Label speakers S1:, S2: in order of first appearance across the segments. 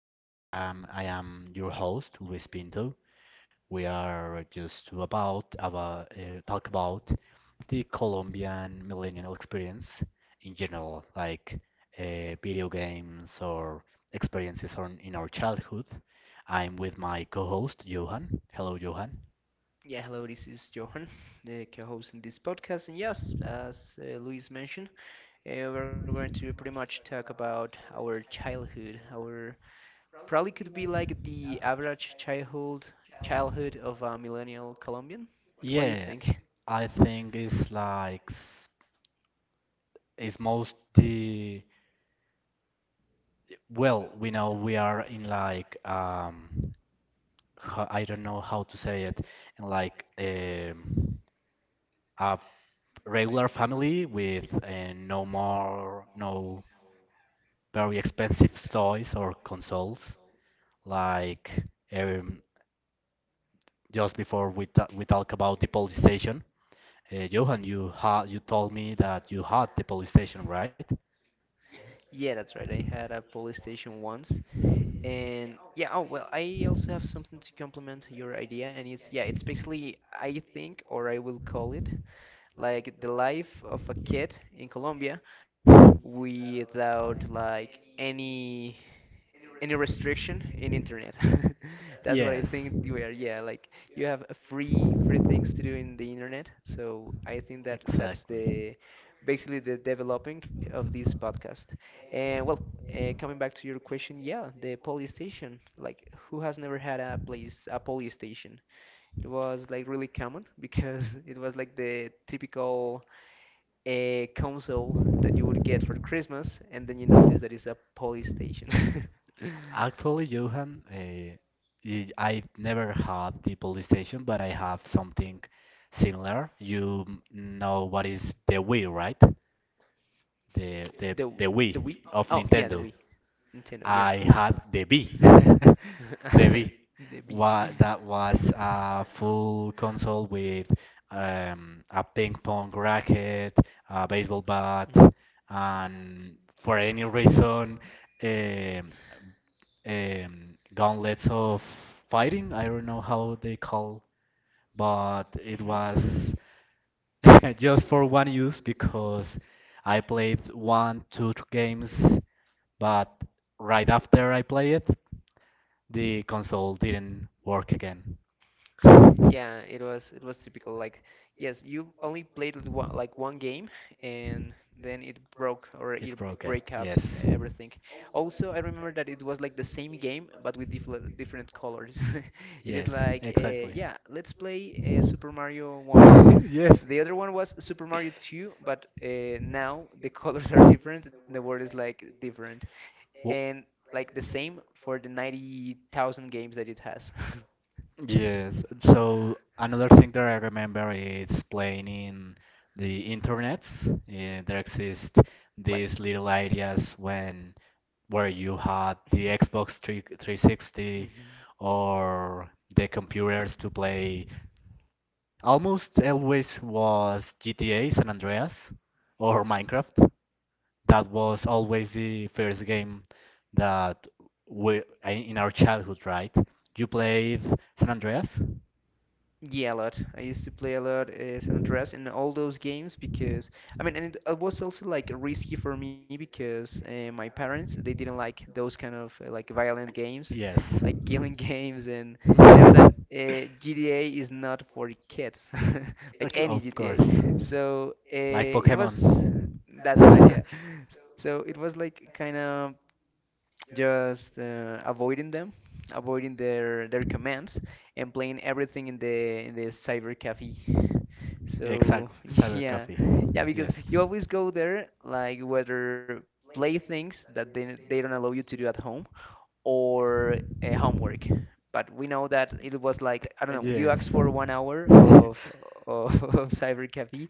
S1: Here I am your host, Luis Pinto. We are just to about talk about the Colombian millennial experience in general, like video games or experiences in our childhood. I'm with my co-host, Johan. Hello, Johan.
S2: Yeah, hello, this is Johan, the co host in this podcast. And yes, as Luis mentioned, we're going to pretty much talk about our childhood. Our probably could be like the average childhood of a millennial Colombian. What do you
S1: Yeah,
S2: think?
S1: I think it's most the. Well, we know we are in like I don't know how to say it in like a regular family with no very expensive toys or consoles, like um just before we talk about the police station. Johan, you told me that you had the police station, right?
S2: Yeah, that's right. I had a police station once. And yeah, oh well, I also have something to complement your idea, and it's yeah, it's basically I think or I will call it like the life of a kid in Colombia without like any restriction in internet. That's what I
S1: Yes.
S2: think we are. Yeah, like you have a free things to do in the internet. So I think that that's
S1: Exactly.
S2: the basically the developing of this podcast. And well, coming back to your question, yeah, the police station. Like who has never had a police station? It was like really common because it was like the typical console that you would get for Christmas, and then you notice that it's a police station. the
S1: Actually, Johan, I've never had the police station, but I have something similar. You know what is the Wii, right? the
S2: the
S1: the the
S2: Wii.
S1: Wii
S2: Oh
S1: of
S2: yeah, the Wii.
S1: Nintendo.
S2: Nintendo. Yeah.
S1: I had the B. The B.
S2: The B.
S1: What? That was a full console with a ping pong racket, a baseball bat, and for any reason, um, gauntlets of fighting. I don't know how they call, but it
S2: Mhm.
S1: was. Just for one use, because I played one, two games, but right after I play it, the console didn't work again.
S2: Yeah, it was typical. Like, yes, you only played with one, like one game, and then it broke or
S1: It
S2: it
S1: broke it.
S2: breakups
S1: Yes.
S2: everything. Also, I remember that it was like the same game but with different colors. It is
S1: Yes,
S2: like,
S1: exactly.
S2: yeah, let's play Super Mario One.
S1: Yes.
S2: The other one was Super Mario 2, but now the colors are different and the word is like different.
S1: Well,
S2: And like the same for the 90,000 games that it has.
S1: yes. So another thing that I remember is playing in the internet. Yeah, there exist
S2: Like,
S1: these little areas when where you had the Xbox 3 360
S2: hmm
S1: or the computers to play. Almost always was GTA San Andreas or Minecraft, that was always the first game that in our childhood, right? You played San Andreas?
S2: yeah, a lot. I used to play a lot San Andreas and all those games because I mean, and it was also like risky for me because my parents they didn't like those kind of like violent games,
S1: Yes.
S2: like killing games, and you know that GTA is not for kids, like
S1: Okay,
S2: any
S1: of
S2: GTA.
S1: course.
S2: So
S1: Like
S2: it was
S1: Pokemon.
S2: that's right, yeah. So it was like kind of just avoiding them, avoiding their commands, and playing everything in the cyber cafe. So
S1: Exact Cyber
S2: yeah,
S1: Coffee.
S2: yeah, because
S1: Yes.
S2: you always go there, like whether play things that they don't allow you to do at home, or homework. But we know that it was like, I don't know, you asked for 1 hour of cyber cafe,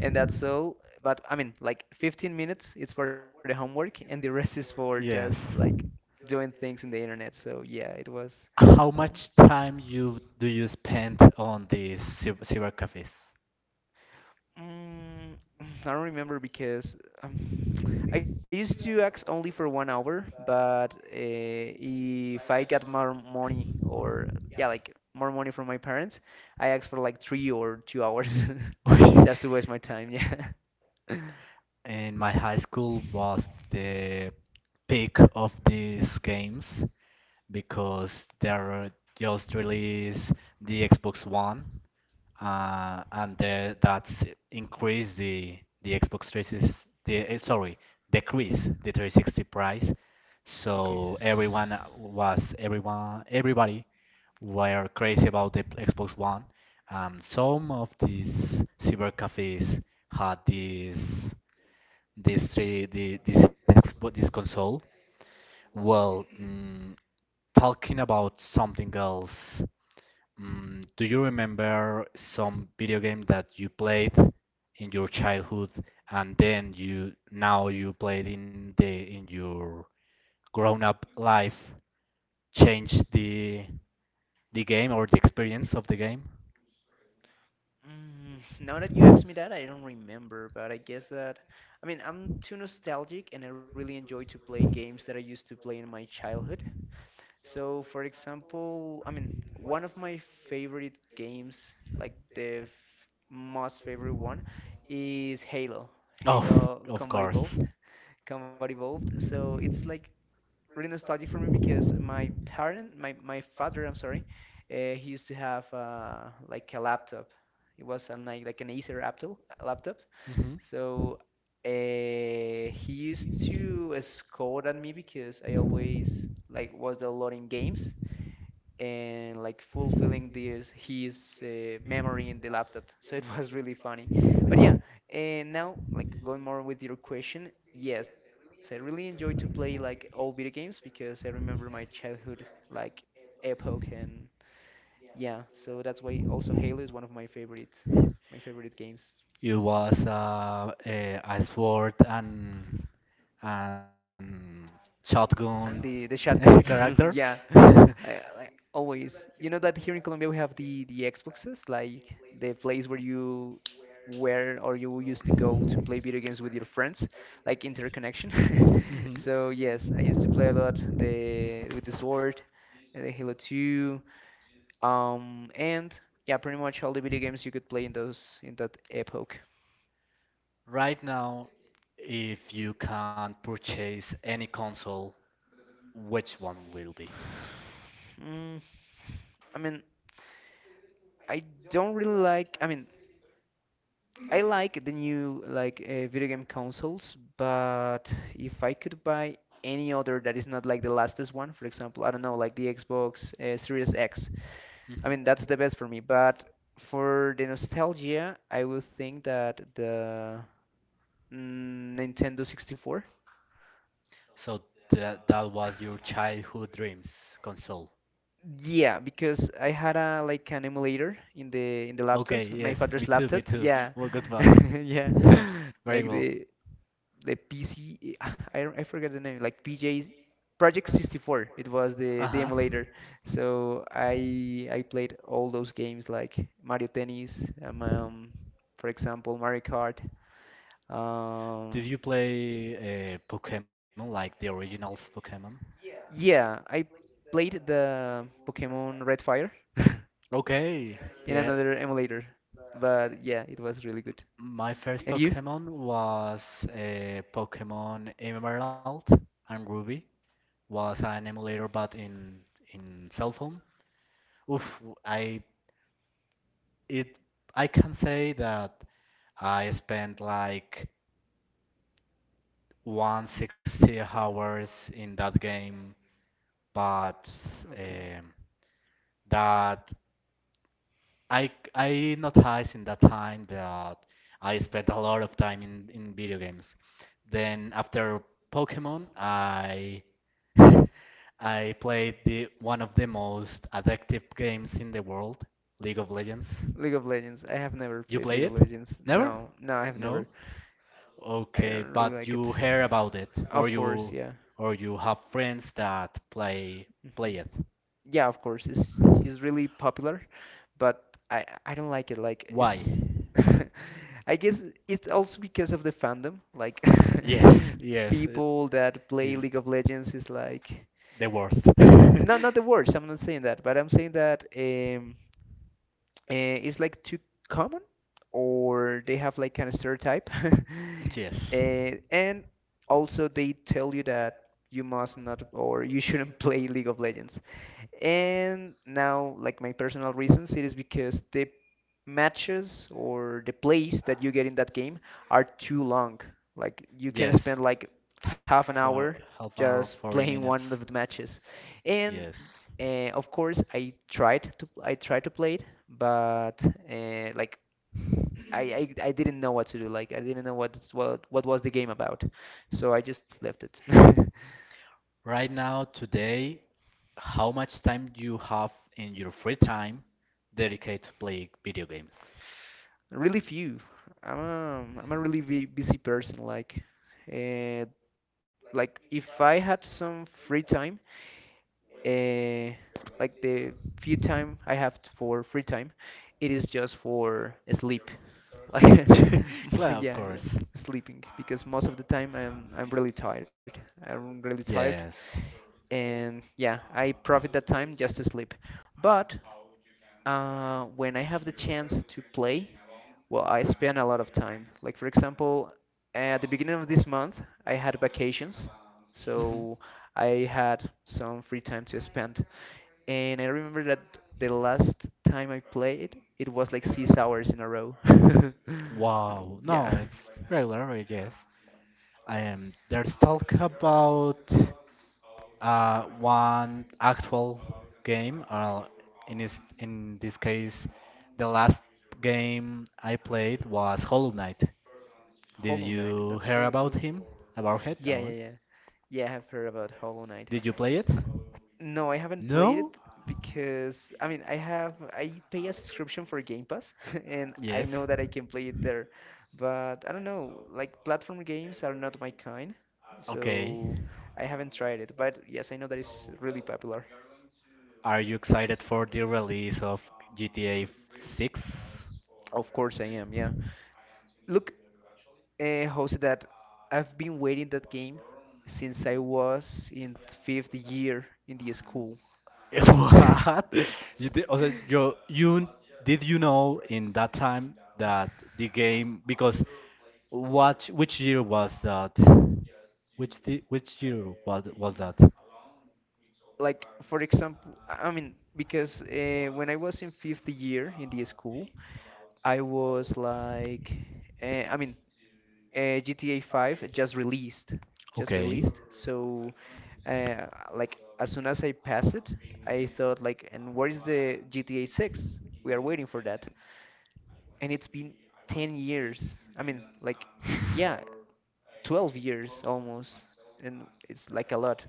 S2: and that's all. But I mean, like 15 minutes is for the homework, and the rest is for just like doing things in the internet. So yeah, it was.
S1: How
S2: Oh.
S1: much time you do you spend on these cyber cafes?
S2: I don't remember because um, I used to ask only for 1 hour, but if I got more money or yeah, like more money from my parents, I asked for like 3 or 2 hours just to waste my time. Yeah.
S1: In my high school was the peak of these games, because there are just released the Xbox One, and that's increased the Xbox 360, sorry, decreased the 360 price,
S2: Okay.
S1: so everyone was everyone everybody were crazy about the Xbox One. Some of these cyber cafes had this, this three the this Xbox, this console. Well, talking about something else. Do you remember some video game that you played in your childhood, and then you now you played in your grown-up life, changed the game or the experience of the game?
S2: Now that you ask me that, I don't remember, but I guess that I mean I'm too nostalgic and I really enjoy to play games that I used to play in my childhood. So, for example, I mean, one of my favorite games, like the f most favorite one, is Halo.
S1: Of
S2: Halo
S1: of
S2: Combat
S1: course.
S2: Evolved. Combat Evolved. So it's like really nostalgic for me because my parent, my father, I'm sorry, he used to have like a laptop. It was an, like an Acer laptop. Laptop.
S1: hmm
S2: So he used to scold at me because I always like was downloading games and like fulfilling this his memory in the laptop. So it was really funny. But yeah, and now like going more with your question, yes, I really enjoy to play like old video games because I remember my childhood like epoch and yeah, so that's why also Halo is one of my favorite games.
S1: It was a sword and
S2: And the shotgun,
S1: shotgun
S2: yeah,
S1: character.
S2: like always. You know that here in Colombia we have the Xboxes, like the place where or you used to go to play video games with your friends, like interconnection.
S1: Mhm.
S2: So yes, I used to play a lot the with the Sword, the Halo 2, and yeah, pretty much all the video games you could play in that epoch.
S1: Right now, if you can purchase any console, which one will be?
S2: Mm, I mean, I don't really like. I mean, I like the new like video game consoles, but if I could buy any other that is not like the latest one, for example, I don't know, like the Xbox Series X. I mean,
S1: Mhm.
S2: that's the best for me. But for the nostalgia, I would think that the Nintendo 64.
S1: So that was your childhood dream's console.
S2: Yeah, because I had a like an emulator in the laptop,
S1: Okay,
S2: my
S1: yes, me
S2: father's
S1: too, me
S2: laptop.
S1: too.
S2: Yeah,
S1: Well, good one.
S2: yeah,
S1: Very
S2: like
S1: well.
S2: the PC. I forget the name. Like PJ Project 64. It was the
S1: Uh-huh.
S2: the emulator. So I played all those games like Mario Tennis, for example Mario Kart.
S1: Did you
S2: Um,
S1: play Pokemon, like the original Pokemon?
S2: yeah, I played the Pokemon Red Fire.
S1: Okay, yeah.
S2: in another emulator. But yeah, it was really good.
S1: My first
S2: And
S1: Pokemon
S2: you?
S1: was Pokemon Emerald and Ruby. Was an emulator, but in cell phone. Oof, it I can say that I spent like 160 hours in that game, but um,
S2: Okay.
S1: that I noticed in that time that I spent a lot of time in video games. Then after Pokemon, I I played the one of the most addictive games in the world, League of Legends.
S2: League of Legends. I have never
S1: You
S2: played
S1: play
S2: League of
S1: it?
S2: Legends. Really?
S1: Never?
S2: No, no, I have
S1: No?
S2: never.
S1: Okay,
S2: Really
S1: but
S2: like it.
S1: you hear about it,
S2: Of course, yeah.
S1: or you have friends that play it.
S2: Yeah, of course, it's really popular, but I don't like it. Like
S1: Why?
S2: it's I guess it's also because of the fandom. Like
S1: Yes, yes, it
S2: people that play
S1: is
S2: League of Legends is like
S1: the worst.
S2: not the worst. I'm not saying that, but I'm saying that uh, it's like too common, or they have like kind of stereotype,
S1: Yes,
S2: uh, and also they tell you that you must not or you shouldn't play League of Legends. And now, like my personal reasons, it is because the matches or the plays that you get in that game are too long. Like you can
S1: yes,
S2: spend like half an
S1: for
S2: hour
S1: half an hour,
S2: just
S1: 40
S2: playing
S1: minutes.
S2: one of the matches.
S1: Yes.
S2: And of course, I tried to play it, but like I didn't know what to do. Like I didn't know what was the game about, so I just left it.
S1: Right now, today, how much time do you have in your free time dedicated to playing video games?
S2: Really few. I'm a really busy person. Uh, like if I had some free time, uh, like the few time I have for free time, it is just for sleep. Like,
S1: Claro, of
S2: yeah,
S1: course.
S2: sleeping because most of the time I'm really tired. I'm really tired,
S1: Yes.
S2: and yeah, I profit that time just to sleep. But when I have the chance to play. Well, I spend a lot of time. Like for example, at the beginning of this month, I had vacations,
S1: Mhm.
S2: so I had some free time to spend. And I remember that the last time I played, it was like 6 hours in a row.
S1: Wow. No,
S2: Yeah,
S1: it's regular, I guess. There's talk about one actual game, or in this, in this case, the last game I played was Hollow Knight. Did
S2: Hollow Knight,
S1: you
S2: that's
S1: hear
S2: really
S1: about
S2: good.
S1: him? About it?
S2: Yeah,
S1: About
S2: yeah,
S1: it?
S2: yeah.
S1: Yeah,
S2: Yeah, I have heard about Hollow Knight.
S1: did you play it? No,
S2: No, I haven't played
S1: No?
S2: it because I mean I pay a subscription for Game Pass and I
S1: Yes.
S2: know that I can play it there, but I don't know, like platform games are not my kind,
S1: Okay.
S2: so I haven't tried it. But yes, I know that it's really popular.
S1: Are you excited for the release of GTA 6?
S2: Of course I am, yeah. Look, how's that? I've been waiting that game since I was in fifth year in the school.
S1: What? You did, also, you did you know in that time that the game, because what which year was that? Which year was that?
S2: Like, for example, I mean, because when I was in fifth year in the school, I was like I mean GTA 5 just released just
S1: Okay.
S2: released So uh, like as soon as I pass it, I thought like, and where is the GTA 6? We are waiting for that. And it's been 10 years. I mean, like yeah, 12 years almost. And it's like a lot.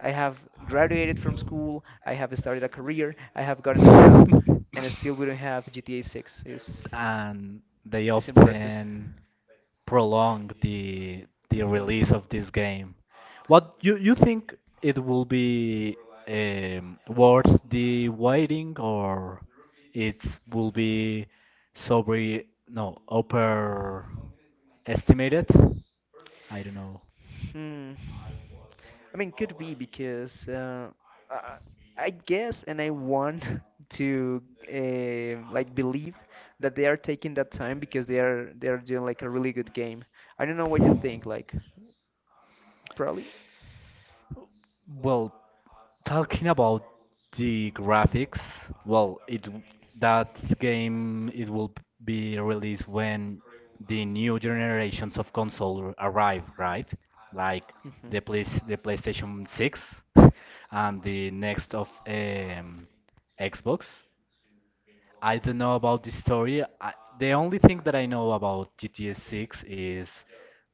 S2: I have graduated from school, I have started a career, I have gotten a job, and still we don't have GTA 6. It's,
S1: And they
S2: it's impressive.
S1: often prolong the
S2: Hmm.
S1: release of this game. What you think, it will be worth the waiting, or it will be sobre, no, overestimated? I don't know.
S2: Hmm. I mean, could be because I, I guess, and I want to like believe that they are taking that time because they are doing like a really good game. I don't know what you think, like probably.
S1: Well, talking about the graphics, well, it w- that game, it will be released when the new generations of console arrive, right? Like
S2: Hmm.
S1: the PlayStation 6 and the next of Xbox. I don't know about the story. The only thing that I know about GTA 6 is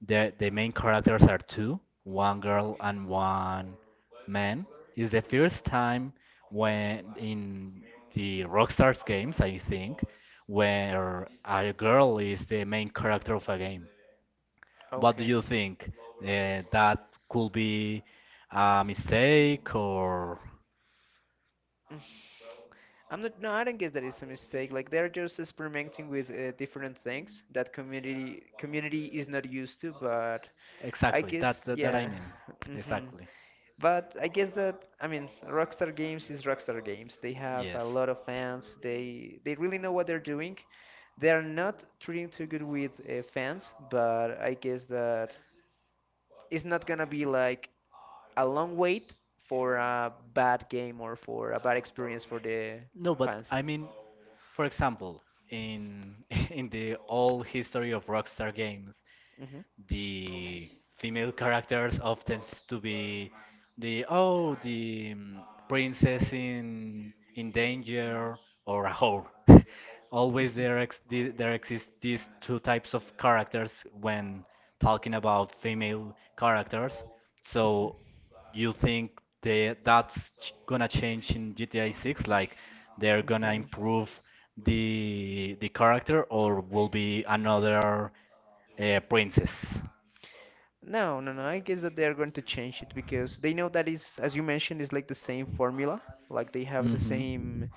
S1: the main characters are two, one girl and one man. It's the first time when in the Rockstar's games, I think, where a girl is the main character of a game. What do you think? That could be a mistake, or
S2: I'm not. No, I don't guess that it's a mistake. Like they're just experimenting with different things that community is not used to. But I
S1: exactly, that
S2: guess
S1: that I
S2: yeah.
S1: mean,
S2: Hmm.
S1: exactly.
S2: But I guess that I mean Rockstar Games is Rockstar Games. They have
S1: Yes.
S2: a lot of fans. They really know what they're doing. They are not treating too good with fans. But I guess that it's not gonna be like a long wait for a bad game or for a bad experience for the
S1: No, but
S2: fans.
S1: I mean, for example, in in the old history of Rockstar Games,
S2: Mm-hmm.
S1: the female characters often to be the princess in danger, or a whore. Always there exist these two types of characters when talking about female characters. So you think they that's ch- gonna change in GTA 6? Like they're gonna
S2: Okay.
S1: improve the character, or will be another? Princess.
S2: No, no, no. I guess that they are going to change it because they know that is, as you mentioned, is like the same formula. Like they have the same.
S1: Mhm.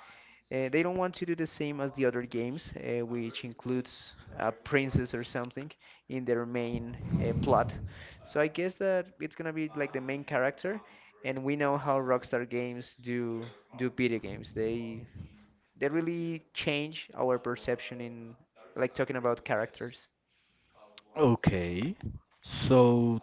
S2: They don't want to do the same as the other games, which includes a princess or something in their main plot. So I guess that it's gonna be like the main character, and we know how Rockstar Games do video games. They really change our perception in like talking about characters.
S1: Okay. So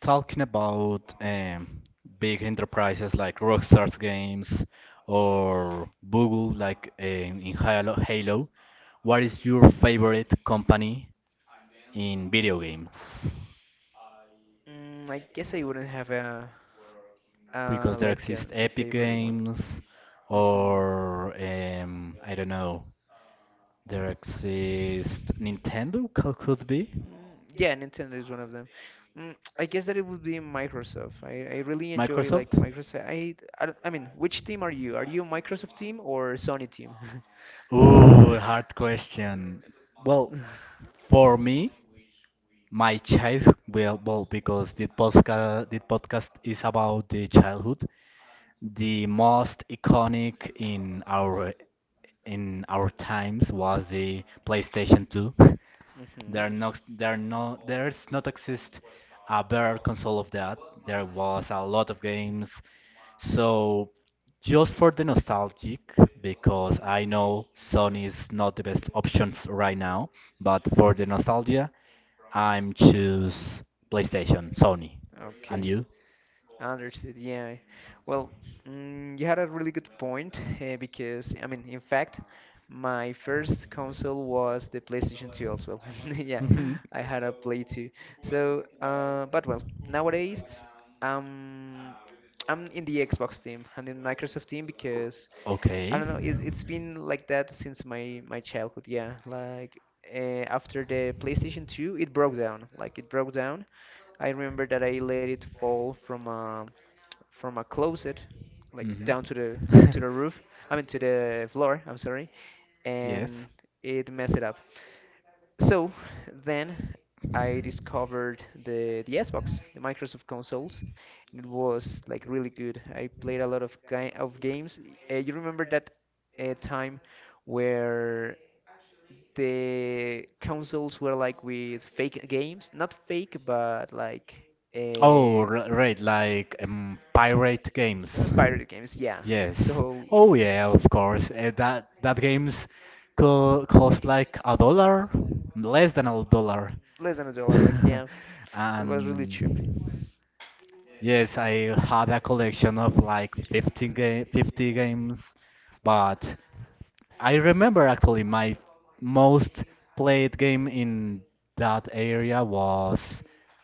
S1: talking about big enterprises like Rockstar's Games or Google, like in Halo, what is your favorite company in video games?
S2: I guess I wouldn't have a
S1: Because there
S2: like
S1: exist
S2: the
S1: Epic
S2: favorite one.
S1: Games,
S2: Hmm
S1: or I don't know, there exists Nintendo, could be
S2: Yeah, Nintendo is one of them. I guess that it would be Microsoft. I really enjoy
S1: Microsoft.
S2: like Microsoft. I don't- I mean, which team are you? Are you Microsoft team or Sony team?
S1: Ooh, hard question. Well, for me, well because this podcast is about the childhood, the most iconic in our times was the PlayStation 2.
S2: hmm
S1: There are no, There's not exist a better console of that. There was a lot of games. So just for the nostalgic, because I know Sony is not the best options right now, but for the nostalgia, I'm choose PlayStation, Sony. And
S2: Okay.
S1: you?
S2: Understood. Yeah. Well, you had a really good point because I mean, in fact, my first console was the PlayStation 2 as well. Yeah,
S1: Mhm.
S2: I had a Play 2. So, but well, nowadays, um, I'm in the Xbox team and in Microsoft team because
S1: Okay.
S2: I don't know, it's been like that since my childhood. Yeah, like after the PlayStation 2, it broke down. Like it broke down. I remember that I let it fall from a closet, like
S1: Hmm.
S2: down to the roof. I mean to the floor. I'm sorry,
S1: Yes.
S2: and it messed it up. So then I discovered the Xbox, the Microsoft consoles, and it was like really good. I played a lot of games. You remember that time where the consoles were like with fake games, not fake, but like.
S1: Oh,
S2: Uh,
S1: right, like pirate games.
S2: Pirated games, yeah.
S1: Yes.
S2: So
S1: Oh yeah, of course. That, games co cost like a dollar, less than a dollar.
S2: less than a dollar, like yeah, it was really cheap.
S1: And yes, I had a collection of like 15 ga 50 games, but I remember actually my most played game in that area was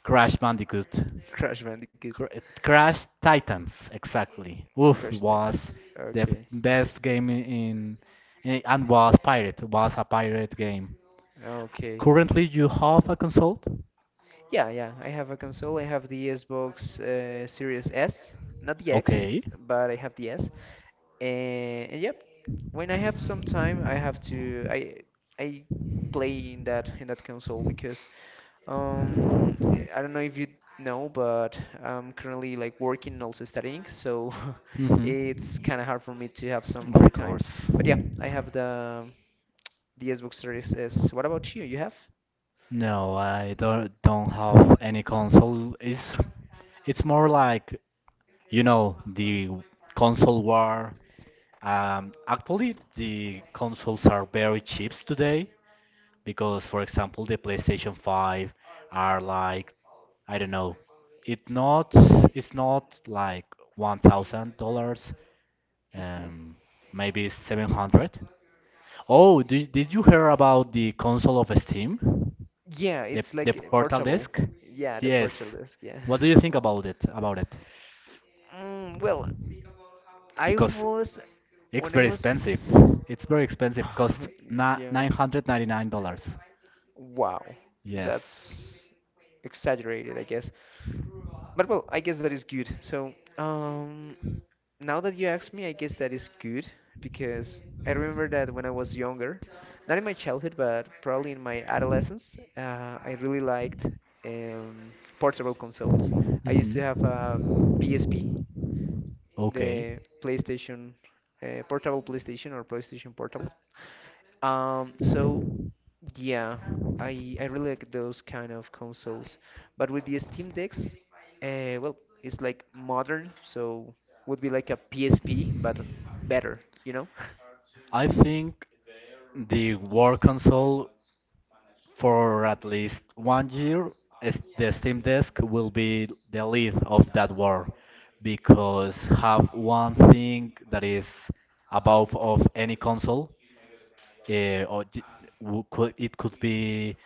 S1: Crash Bandicoot.
S2: Crash Bandicoot,
S1: Cr Crash Titans, exactly. Oof,
S2: Crash
S1: was
S2: Titans.
S1: the
S2: Okay,
S1: best game and was a pirate game.
S2: okay.
S1: Currently, you have a console?
S2: Yeah, yeah. I have a console. I have the Xbox Series S, not the X,
S1: Okay.
S2: but I have the S. And yep, when I have some time, I have to I play in that console because um I don't know if you know, but I'm currently like working and also studying, so
S1: Mm-hmm.
S2: it's kind of hard for me to have some free
S1: Of
S2: time.
S1: course.
S2: But yeah, I have the Xbox Series S. What about you? You have?
S1: No, I don't have any console. It's more like, you know, the console war. Actually, the consoles are very cheap today because, for example, the PlayStation 5 are like, I don't know, it not it's not like $1,000,
S2: Hmm
S1: um, maybe 700. Oh, did you hear about the console of Steam?
S2: Yeah,
S1: The,
S2: it's like
S1: the portal
S2: portable.
S1: disk?
S2: Yeah, the
S1: Yes.
S2: portable desk. Yeah.
S1: What do you think about it?
S2: Well, I
S1: Because
S2: was when
S1: it's
S2: I
S1: very
S2: was.
S1: expensive. It's very expensive. Cost na
S2: Yeah.
S1: $999.
S2: Wow.
S1: Yes.
S2: That's exaggerated, I guess. But well, I guess that is good. So, now that you ask me, I guess that is good because I remember that when I was younger, not in my childhood, but probably in my adolescence, I really liked um, portable consoles. I used to
S1: Mhm.
S2: have a PSP,
S1: Okay.
S2: the PlayStation, portable PlayStation or PlayStation Portable. Um, so Yeah, I really like those kind of consoles. But with the Steam Decks, well, it's like modern, so would be like a PSP, but better, you know?
S1: I think the War Console, for at least 1 year, is the Steam Deck will be the lead of that war, because have one thing that is above of any console, eh, or it could be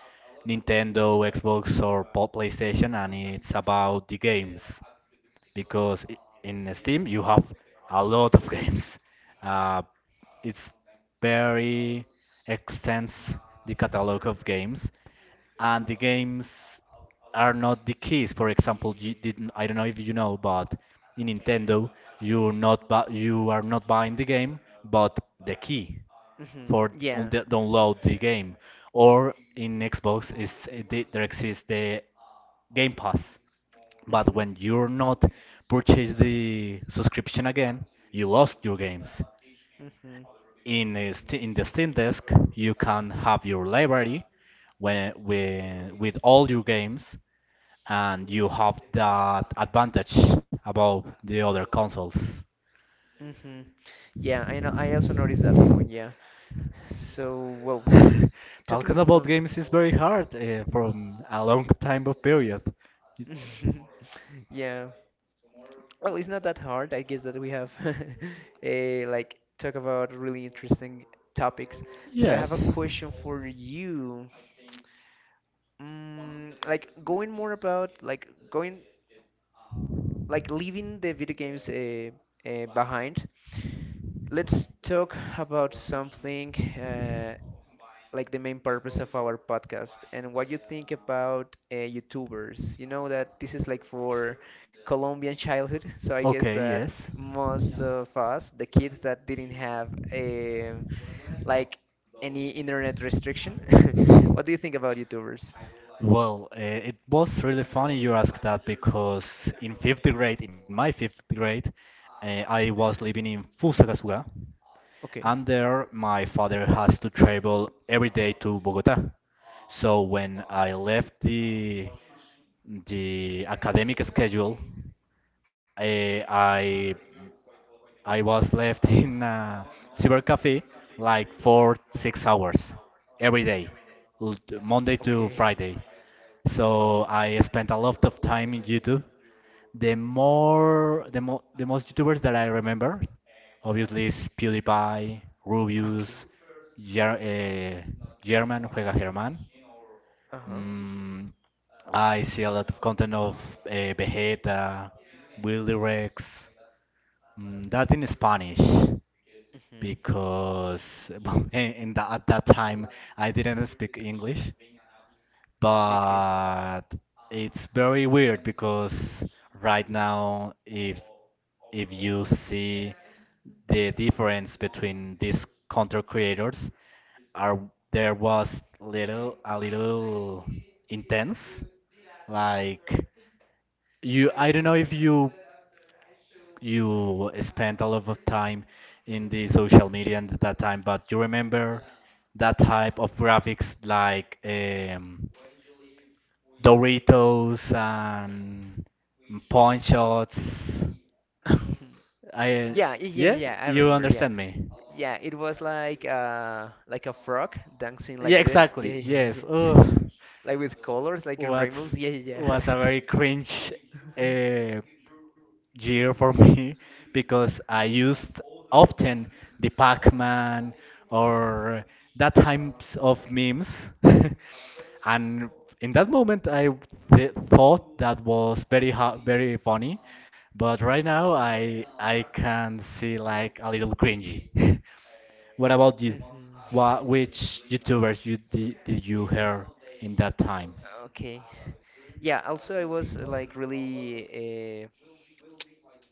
S1: Nintendo, Xbox, or PlayStation, and it's about the games, because in Steam you have a lot of games. Uh, it's very extends the catalog of games, and the games are not the keys. For example, you didn't, I don't know if you know, but in Nintendo you're not you are not buying the game, but the key
S2: Hmm
S1: for d- on
S2: Yeah.
S1: the, download the game. Or in Xbox is there exists the Game Pass. But
S2: hmm
S1: when you're not purchase the subscription again, you lost your games.
S2: hmm
S1: In the Steam Deck, you can have your library, with all your games, and you have that advantage above the other consoles.
S2: hmm Yeah, I know. I also noticed that point. Yeah. So, well, talking
S1: Talking about
S2: more.
S1: games is very hard, from a long time of period. Y-
S2: Yeah. Well, it's not that hard. I guess that we have a like talk about really interesting topics. So I
S1: Yes.
S2: have a question for you. Like going more about like going like leaving the video games behind. Let's talk about something uh, like the main purpose of our podcast and what you think about YouTubers. You know that this is like for Colombian childhood, so I guess
S1: Okay,
S2: that
S1: yes.
S2: most of us, the kids that didn't have like any internet restriction, what do you think about YouTubers?
S1: Well, it was really funny you asked that, because in my fifth grade, I was living in Fusagasugá,
S2: Okay,
S1: and there my father has to travel every day to Bogotá. So when I left the academic schedule, I I I was left in a cyber cafe like for 6 hours every day, Monday
S2: okay,
S1: to Friday.
S2: wow,
S1: So I spent a lot of time in YouTube. The more the mo the most YouTubers that I remember, obviously, is PewDiePie,
S2: okay.
S1: Rubius, Ger uh, German Juega German.
S2: Uh-huh.
S1: Mm, I see a lot of content of Vegeta, Willy Rex, that in Spanish,
S2: hmm
S1: because at that time I didn't speak English,
S2: Okay.
S1: but it's very weird because right now, if you see the difference between these content creators, are there was little intense. Like I don't know if you spent a lot of time in the social media at that time, but you remember that type of graphics like Doritos and pawn shots. I
S2: Yeah, yeah, yeah,
S1: yeah,
S2: yeah. I
S1: you
S2: remember. Yeah,
S1: understand me.
S2: yeah. It was like a frog dancing
S1: Yeah,
S2: like this. Yeah,
S1: exactly.
S2: yeah, yeah,
S1: Yes.
S2: yeah.
S1: Ugh.
S2: Like with colors, like in
S1: What
S2: rainbows. Yeah, yeah,
S1: was a
S2: yeah.
S1: very cringe uh, year for me because I used often the Pac-Man or that types of memes. And in that moment, I th thought that was very funny, but right now I can see like a little cringy. What about you?
S2: Mhm.
S1: What which YouTubers did you hear in that time?
S2: Okay. Yeah. Also, I was like really,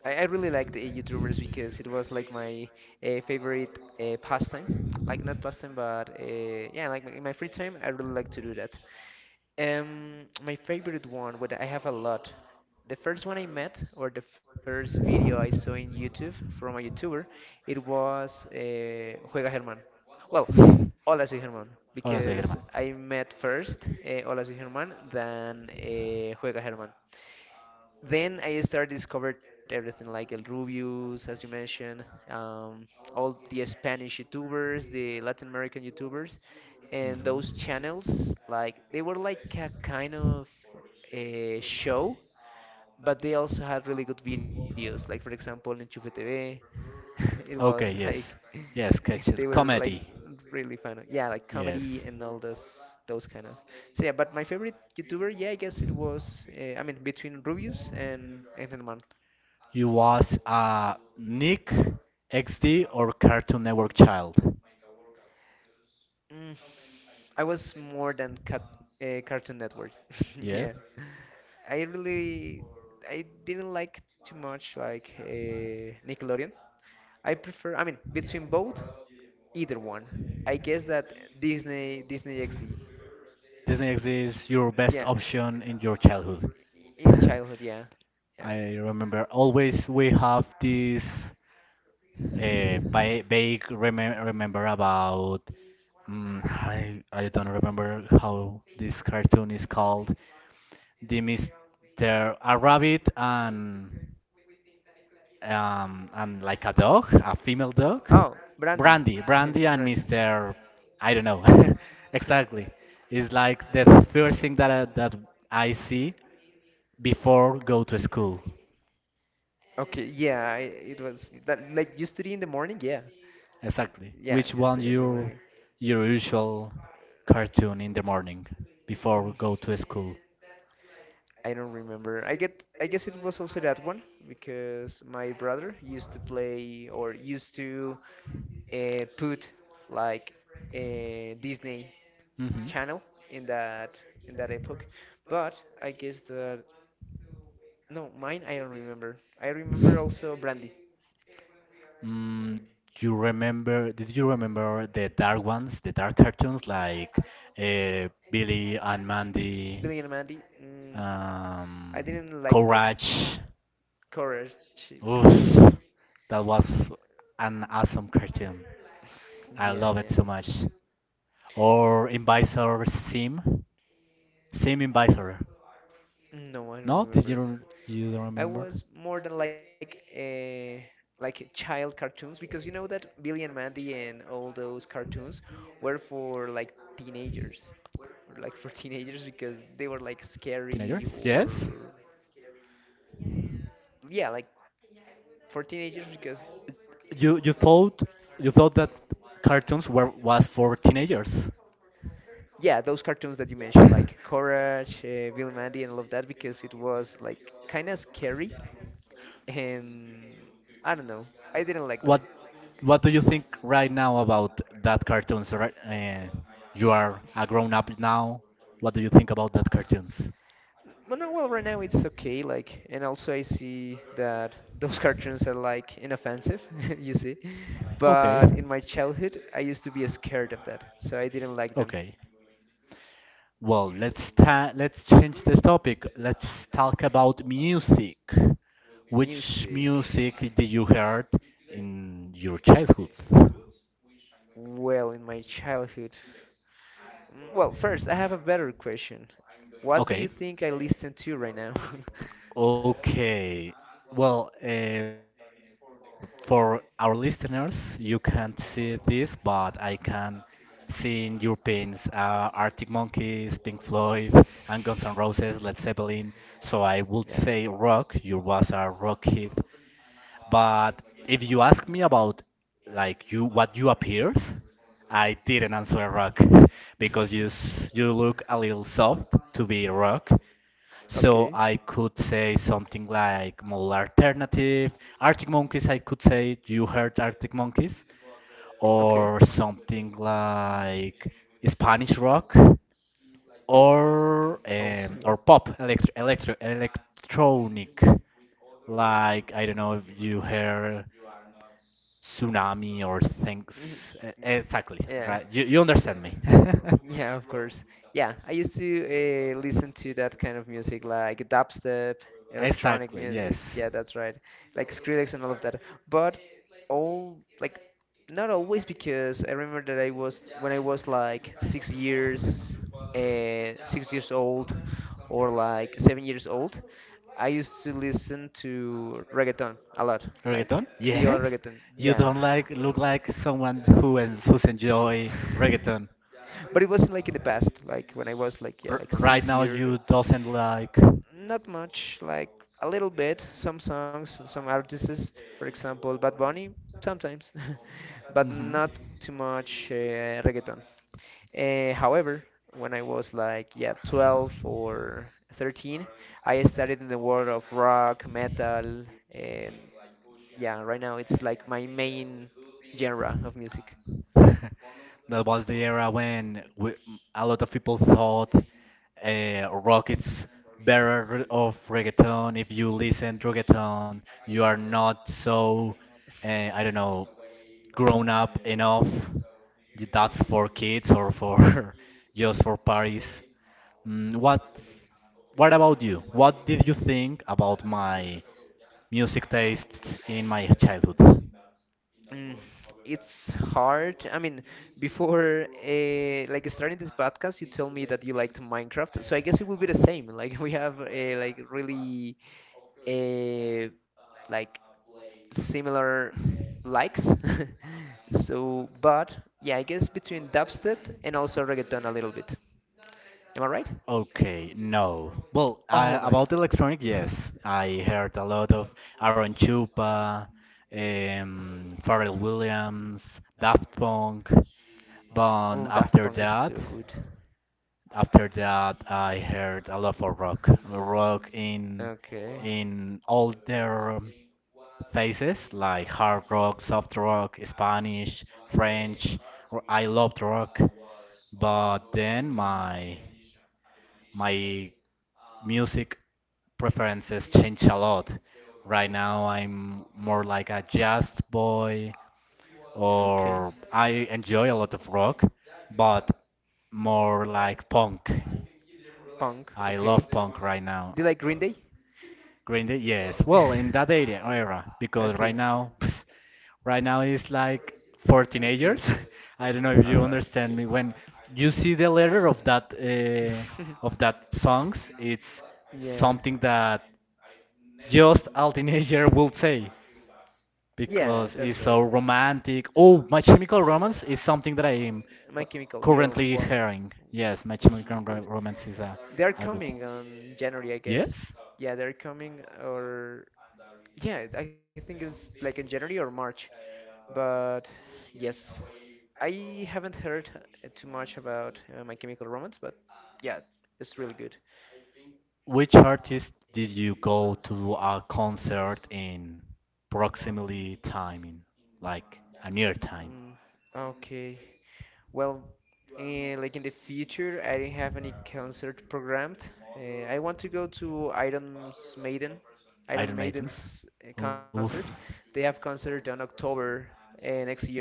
S2: I really liked the YouTubers because it was like my favorite pastime. Like not pastime, but yeah, like in my free time, I really like to do that. My favorite one, what I have a lot. The first one I met, or the first video I saw in YouTube from a YouTuber, it was Juega Germán. Well, Hola soy Germán,
S1: Hola, soy
S2: because
S1: Germán.
S2: I met first Hola soy Germán than Juega Germán, then I started discovered everything like El Rubius, as you mentioned, all the Spanish YouTubers, the Latin American YouTubers, and those
S1: Mhm.
S2: channels like they were like a kind of a show, but they also had really good videos. Like for example, Enchufe TV, it was
S1: Okay, yes.
S2: like
S1: Yes,
S2: they
S1: sketches,
S2: were like
S1: comedy.
S2: really fun. Yeah, like
S1: Yes.
S2: comedy and all those kind of. So yeah, but my favorite YouTuber, yeah, I guess it was I mean between Rubius and Germán.
S1: You was a Nick XD or Cartoon Network child?
S2: Mm, I was more than Cartoon Network.
S1: Yeah.
S2: yeah, I really I didn't like too much like Nickelodeon. I prefer. I mean, between both, either one. I guess that Disney XD.
S1: Disney X is your best
S2: Yeah,
S1: option in your childhood.
S2: in childhood. Yeah, yeah.
S1: I remember always we have this vague remember about I don't remember how this cartoon is called. The Mr. A rabbit and like a dog, a female dog.
S2: Oh, Brandy,
S1: Brandy, Brandy
S2: Brandy.
S1: and Mr. I don't know. Exactly. It's like
S2: Yeah.
S1: the first thing that I see before go to school.
S2: Okay, yeah, it was that like you study in the morning? Yeah.
S1: Exactly.
S2: Yeah,
S1: Which
S2: you
S1: one
S2: study in the morning.
S1: your usual cartoon in the morning before
S2: Mm,
S1: go to school?
S2: I don't remember. I guess it was also that one because my brother used to play or used to put like a Disney
S1: hmm
S2: channel in that epoch. But I guess that no, mine I don't remember. I remember also Brandy.
S1: Mm, you remember? Did you remember the dark ones, the dark cartoons like Billy and Mandy,
S2: Billy and Mandy. I
S1: um,
S2: didn't like that.
S1: Courage?
S2: Courage, courage.
S1: Oof, that was an awesome cartoon. I
S2: Yeah, yeah,
S1: love it
S2: yeah.
S1: so much. Or Invisor Sim, Sim Invisor.
S2: No, I
S1: No,
S2: don't
S1: did
S2: remember.
S1: you you don't
S2: I
S1: remember?
S2: was more than like a like child cartoons because you know that Billy and Mandy and all those cartoons were for like teenagers or like for teenagers because
S1: Teenagers,
S2: they were
S1: yes.
S2: like scary or yeah like for teenagers because
S1: You thought you thought that cartoons were was for teenagers.
S2: yeah, those cartoons that you mentioned, like Courage, Bill and Mandy, and all of that, because it was like kind of scary, and I don't know, I didn't like them.
S1: What what do you think right now about that cartoons? Right, you are a grown up now. What do you think about that cartoons?
S2: Well, no, well, right now it's okay. Like, and also I see that those cartoons are like inoffensive, you see. But
S1: Okay,
S2: in my childhood, I used to be scared of that, so I didn't like them.
S1: okay. Well, let's change the topic. Let's talk about music. Which
S2: Music.
S1: music did you heard in your childhood?
S2: Well, in my childhood. Well, first, I have a better question. What do you
S1: Okay.
S2: think I listen to right now?
S1: Okay. Well, for our listeners, you can't see this, but I can see in your pins Arctic Monkeys, Pink Floyd, and Guns N' Roses, Led Zeppelin. So
S2: Yeah.
S1: I would say rock. You was a
S2: Mhm.
S1: rock hit. But if you ask me about like you what you appears, I didn't answer rock because you look a little soft to be rock,
S2: Okay.
S1: so I could say something like mole alternative, Arctic Monkeys. I could say you heard Arctic Monkeys,
S2: Okay.
S1: or something like Spanish rock,
S2: Mm, also, yeah.
S1: or pop electro, electronic. Like I don't know if you heard tsunami or things.
S2: Mhm.
S1: Exactly,
S2: Yeah.
S1: right? You understand me?
S2: Yeah, of course. Yeah, I used to listen to that kind of music, like dubstep, electronic
S1: Exactly. Yes.
S2: music. Yeah, that's right. Like Skrillex and all of that. But all, like, not always, because I remember that when I was like 6 years old, or like 7 years old, I used to listen to reggaeton a lot, like
S1: Reggaeton?
S2: the old
S1: Yes.
S2: reggaeton.
S1: You
S2: Yeah.
S1: don't like look like someone who who's enjoy reggaeton.
S2: But it wasn't like in the past, like when I was like yeah
S1: R-
S2: like
S1: right
S2: six
S1: now you
S2: years
S1: doesn't like.
S2: Not much, like a little bit, some songs, some artists, for example bad bunny sometimes, but
S1: Mhm.
S2: not too much reggaeton. However, when I was like yeah 12 or 13, I started in the world of rock metal, and yeah, right now it's like my main genre of music.
S1: That was the era when we, a lot of people thought rock is better of reggaeton. If you listen to reggaeton, you are not so, uh, I don't know, grown up enough. That's for kids or for just for parties. Mm, What about you? What did you think about my music taste in my childhood?
S2: Mm, it's hard. I mean, before like starting this podcast, you told me that you liked Minecraft, so I guess it will be the same. Like we have like really uh, like similar likes. so, but yeah, I guess between dubstep and also reggaeton a little bit. Am I right?
S1: Okay, no. Well,
S2: Oh
S1: I,
S2: my.
S1: about electronic, yes. I heard a lot of Aaron Chupa, Pharrell Williams, Daft Punk, but
S2: Oh, Daft
S1: after
S2: Punk is
S1: that.
S2: so good.
S1: After that, I heard a lot of rock, rock
S2: Okay.
S1: in all their phases, like hard rock, soft rock, Spanish, French. I loved rock, but then my music preferences change a lot. Right now, I'm more like a jazz boy,
S2: Okay.
S1: or I enjoy a lot of rock, but more like punk.
S2: Punk.
S1: I
S2: Okay.
S1: love punk right now.
S2: Do you like Green Day?
S1: Green Day, yes. Well, in that era, because right
S2: okay.
S1: now Right now it's like for teenagers.
S2: Okay.
S1: I don't know if you
S2: Uh,
S1: understand
S2: okay.
S1: me. When you see the letter of that songs, it's
S2: yeah.
S1: something that just a teenager will say
S2: Yeah,
S1: because
S2: that's
S1: it's
S2: right.
S1: so romantic. Oh, My Chemical Romance is something that I am
S2: My Chemical, yo,
S1: currently
S2: wow,
S1: hearing. Yes,
S2: it was really good.
S1: Romance is
S2: They're
S1: a good.
S2: coming on January, I guess.
S1: Yes?
S2: Yeah, they're coming, or yeah, I think it's like in January or March. But yes, I haven't heard too much about My Chemical Romance, but yeah, it's really good.
S1: Which artist did you go to a concert in proximity timing, like a near time?
S2: Mm, okay. Well, like in the future, I don't have any concert programmed. I want to go to Iron's Maiden, Iron
S1: Iron Maidens?
S2: Maiden's
S1: Oof.
S2: concert. They have concert on October next year.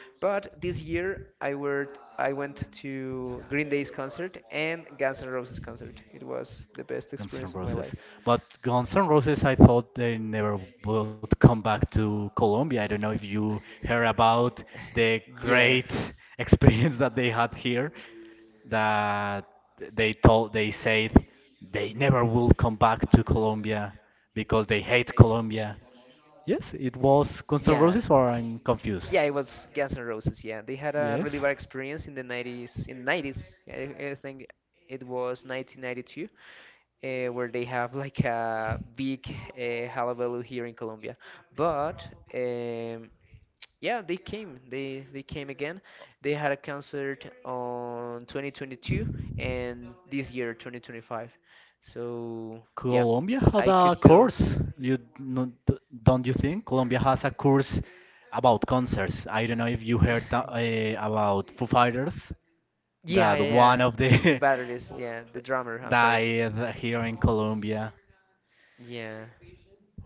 S2: But this year, I went to Green Day's concert and Guns N' Roses concert. It was the best
S1: Guns N'
S2: experience of my
S1: Roses.
S2: life.
S1: But Guns N' Roses, I thought they never would come back to Colombia. I don't know if you heard about the
S2: Yeah.
S1: great experience that they had here, that they said they never will come back to Colombia because they hate Colombia. Yes, it was Guns N'
S2: Yeah.
S1: Roses, or I'm
S2: Yeah,
S1: confused.
S2: it was Guns N' Roses. Yeah, they had a
S1: Yes.
S2: really bad experience in the 90s. In 90s, I think it was 1992, where they have like a big hullabaloo here in Colombia. But um, yeah, they came. They came again. They had a concert on 2022 and this year 2025. So yeah,
S1: Colombia had
S2: I
S1: a
S2: could go.
S1: course. You no- d- don't you think Colombia has a course about concerts? I don't know if you heard about Foo Fighters
S2: Yeah,
S1: that
S2: yeah,
S1: one
S2: yeah.
S1: of
S2: The
S1: the
S2: batteries, yeah, the drummer, I'm sorry.
S1: died here in Colombia.
S2: Yeah.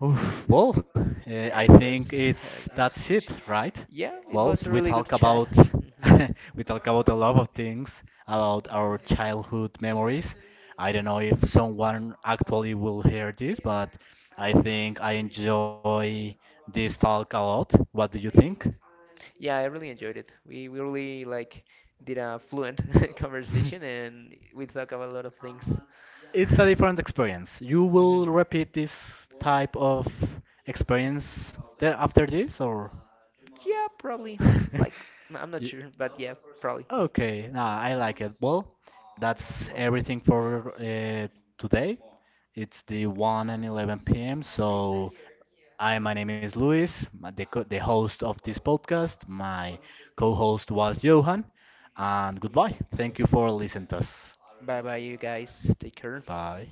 S1: Oof, well,
S2: Yeah,
S1: I
S2: it was
S1: think
S2: her
S1: it's that's
S2: usage.
S1: it, right?
S2: Yeah, it
S1: Well,
S2: was a
S1: we
S2: really good
S1: talk
S2: chat.
S1: about
S2: Mhm, mhm.
S1: we talk about a lot of things about our childhood memories. I don't know if someone actually will hear this, but I think I enjoy this talk a lot. What do you think?
S2: Yeah, I really enjoyed it. We really like did a fluent conversation and we talk about a lot of things.
S1: It's a different experience. You
S2: Mhm.
S1: will repeat this type of experience after this, or?
S2: Yeah, probably. Like, I'm not
S1: Y-
S2: sure, but yeah, probably.
S1: Okay, nah, I like it. Well, that's everything for today. It's the 1 and 11 p.m. So, I my name is Luis, the host of this podcast. My co-host was Johan, and goodbye. Thank you for listening to us.
S2: Bye bye, you guys. Take care.
S1: Bye.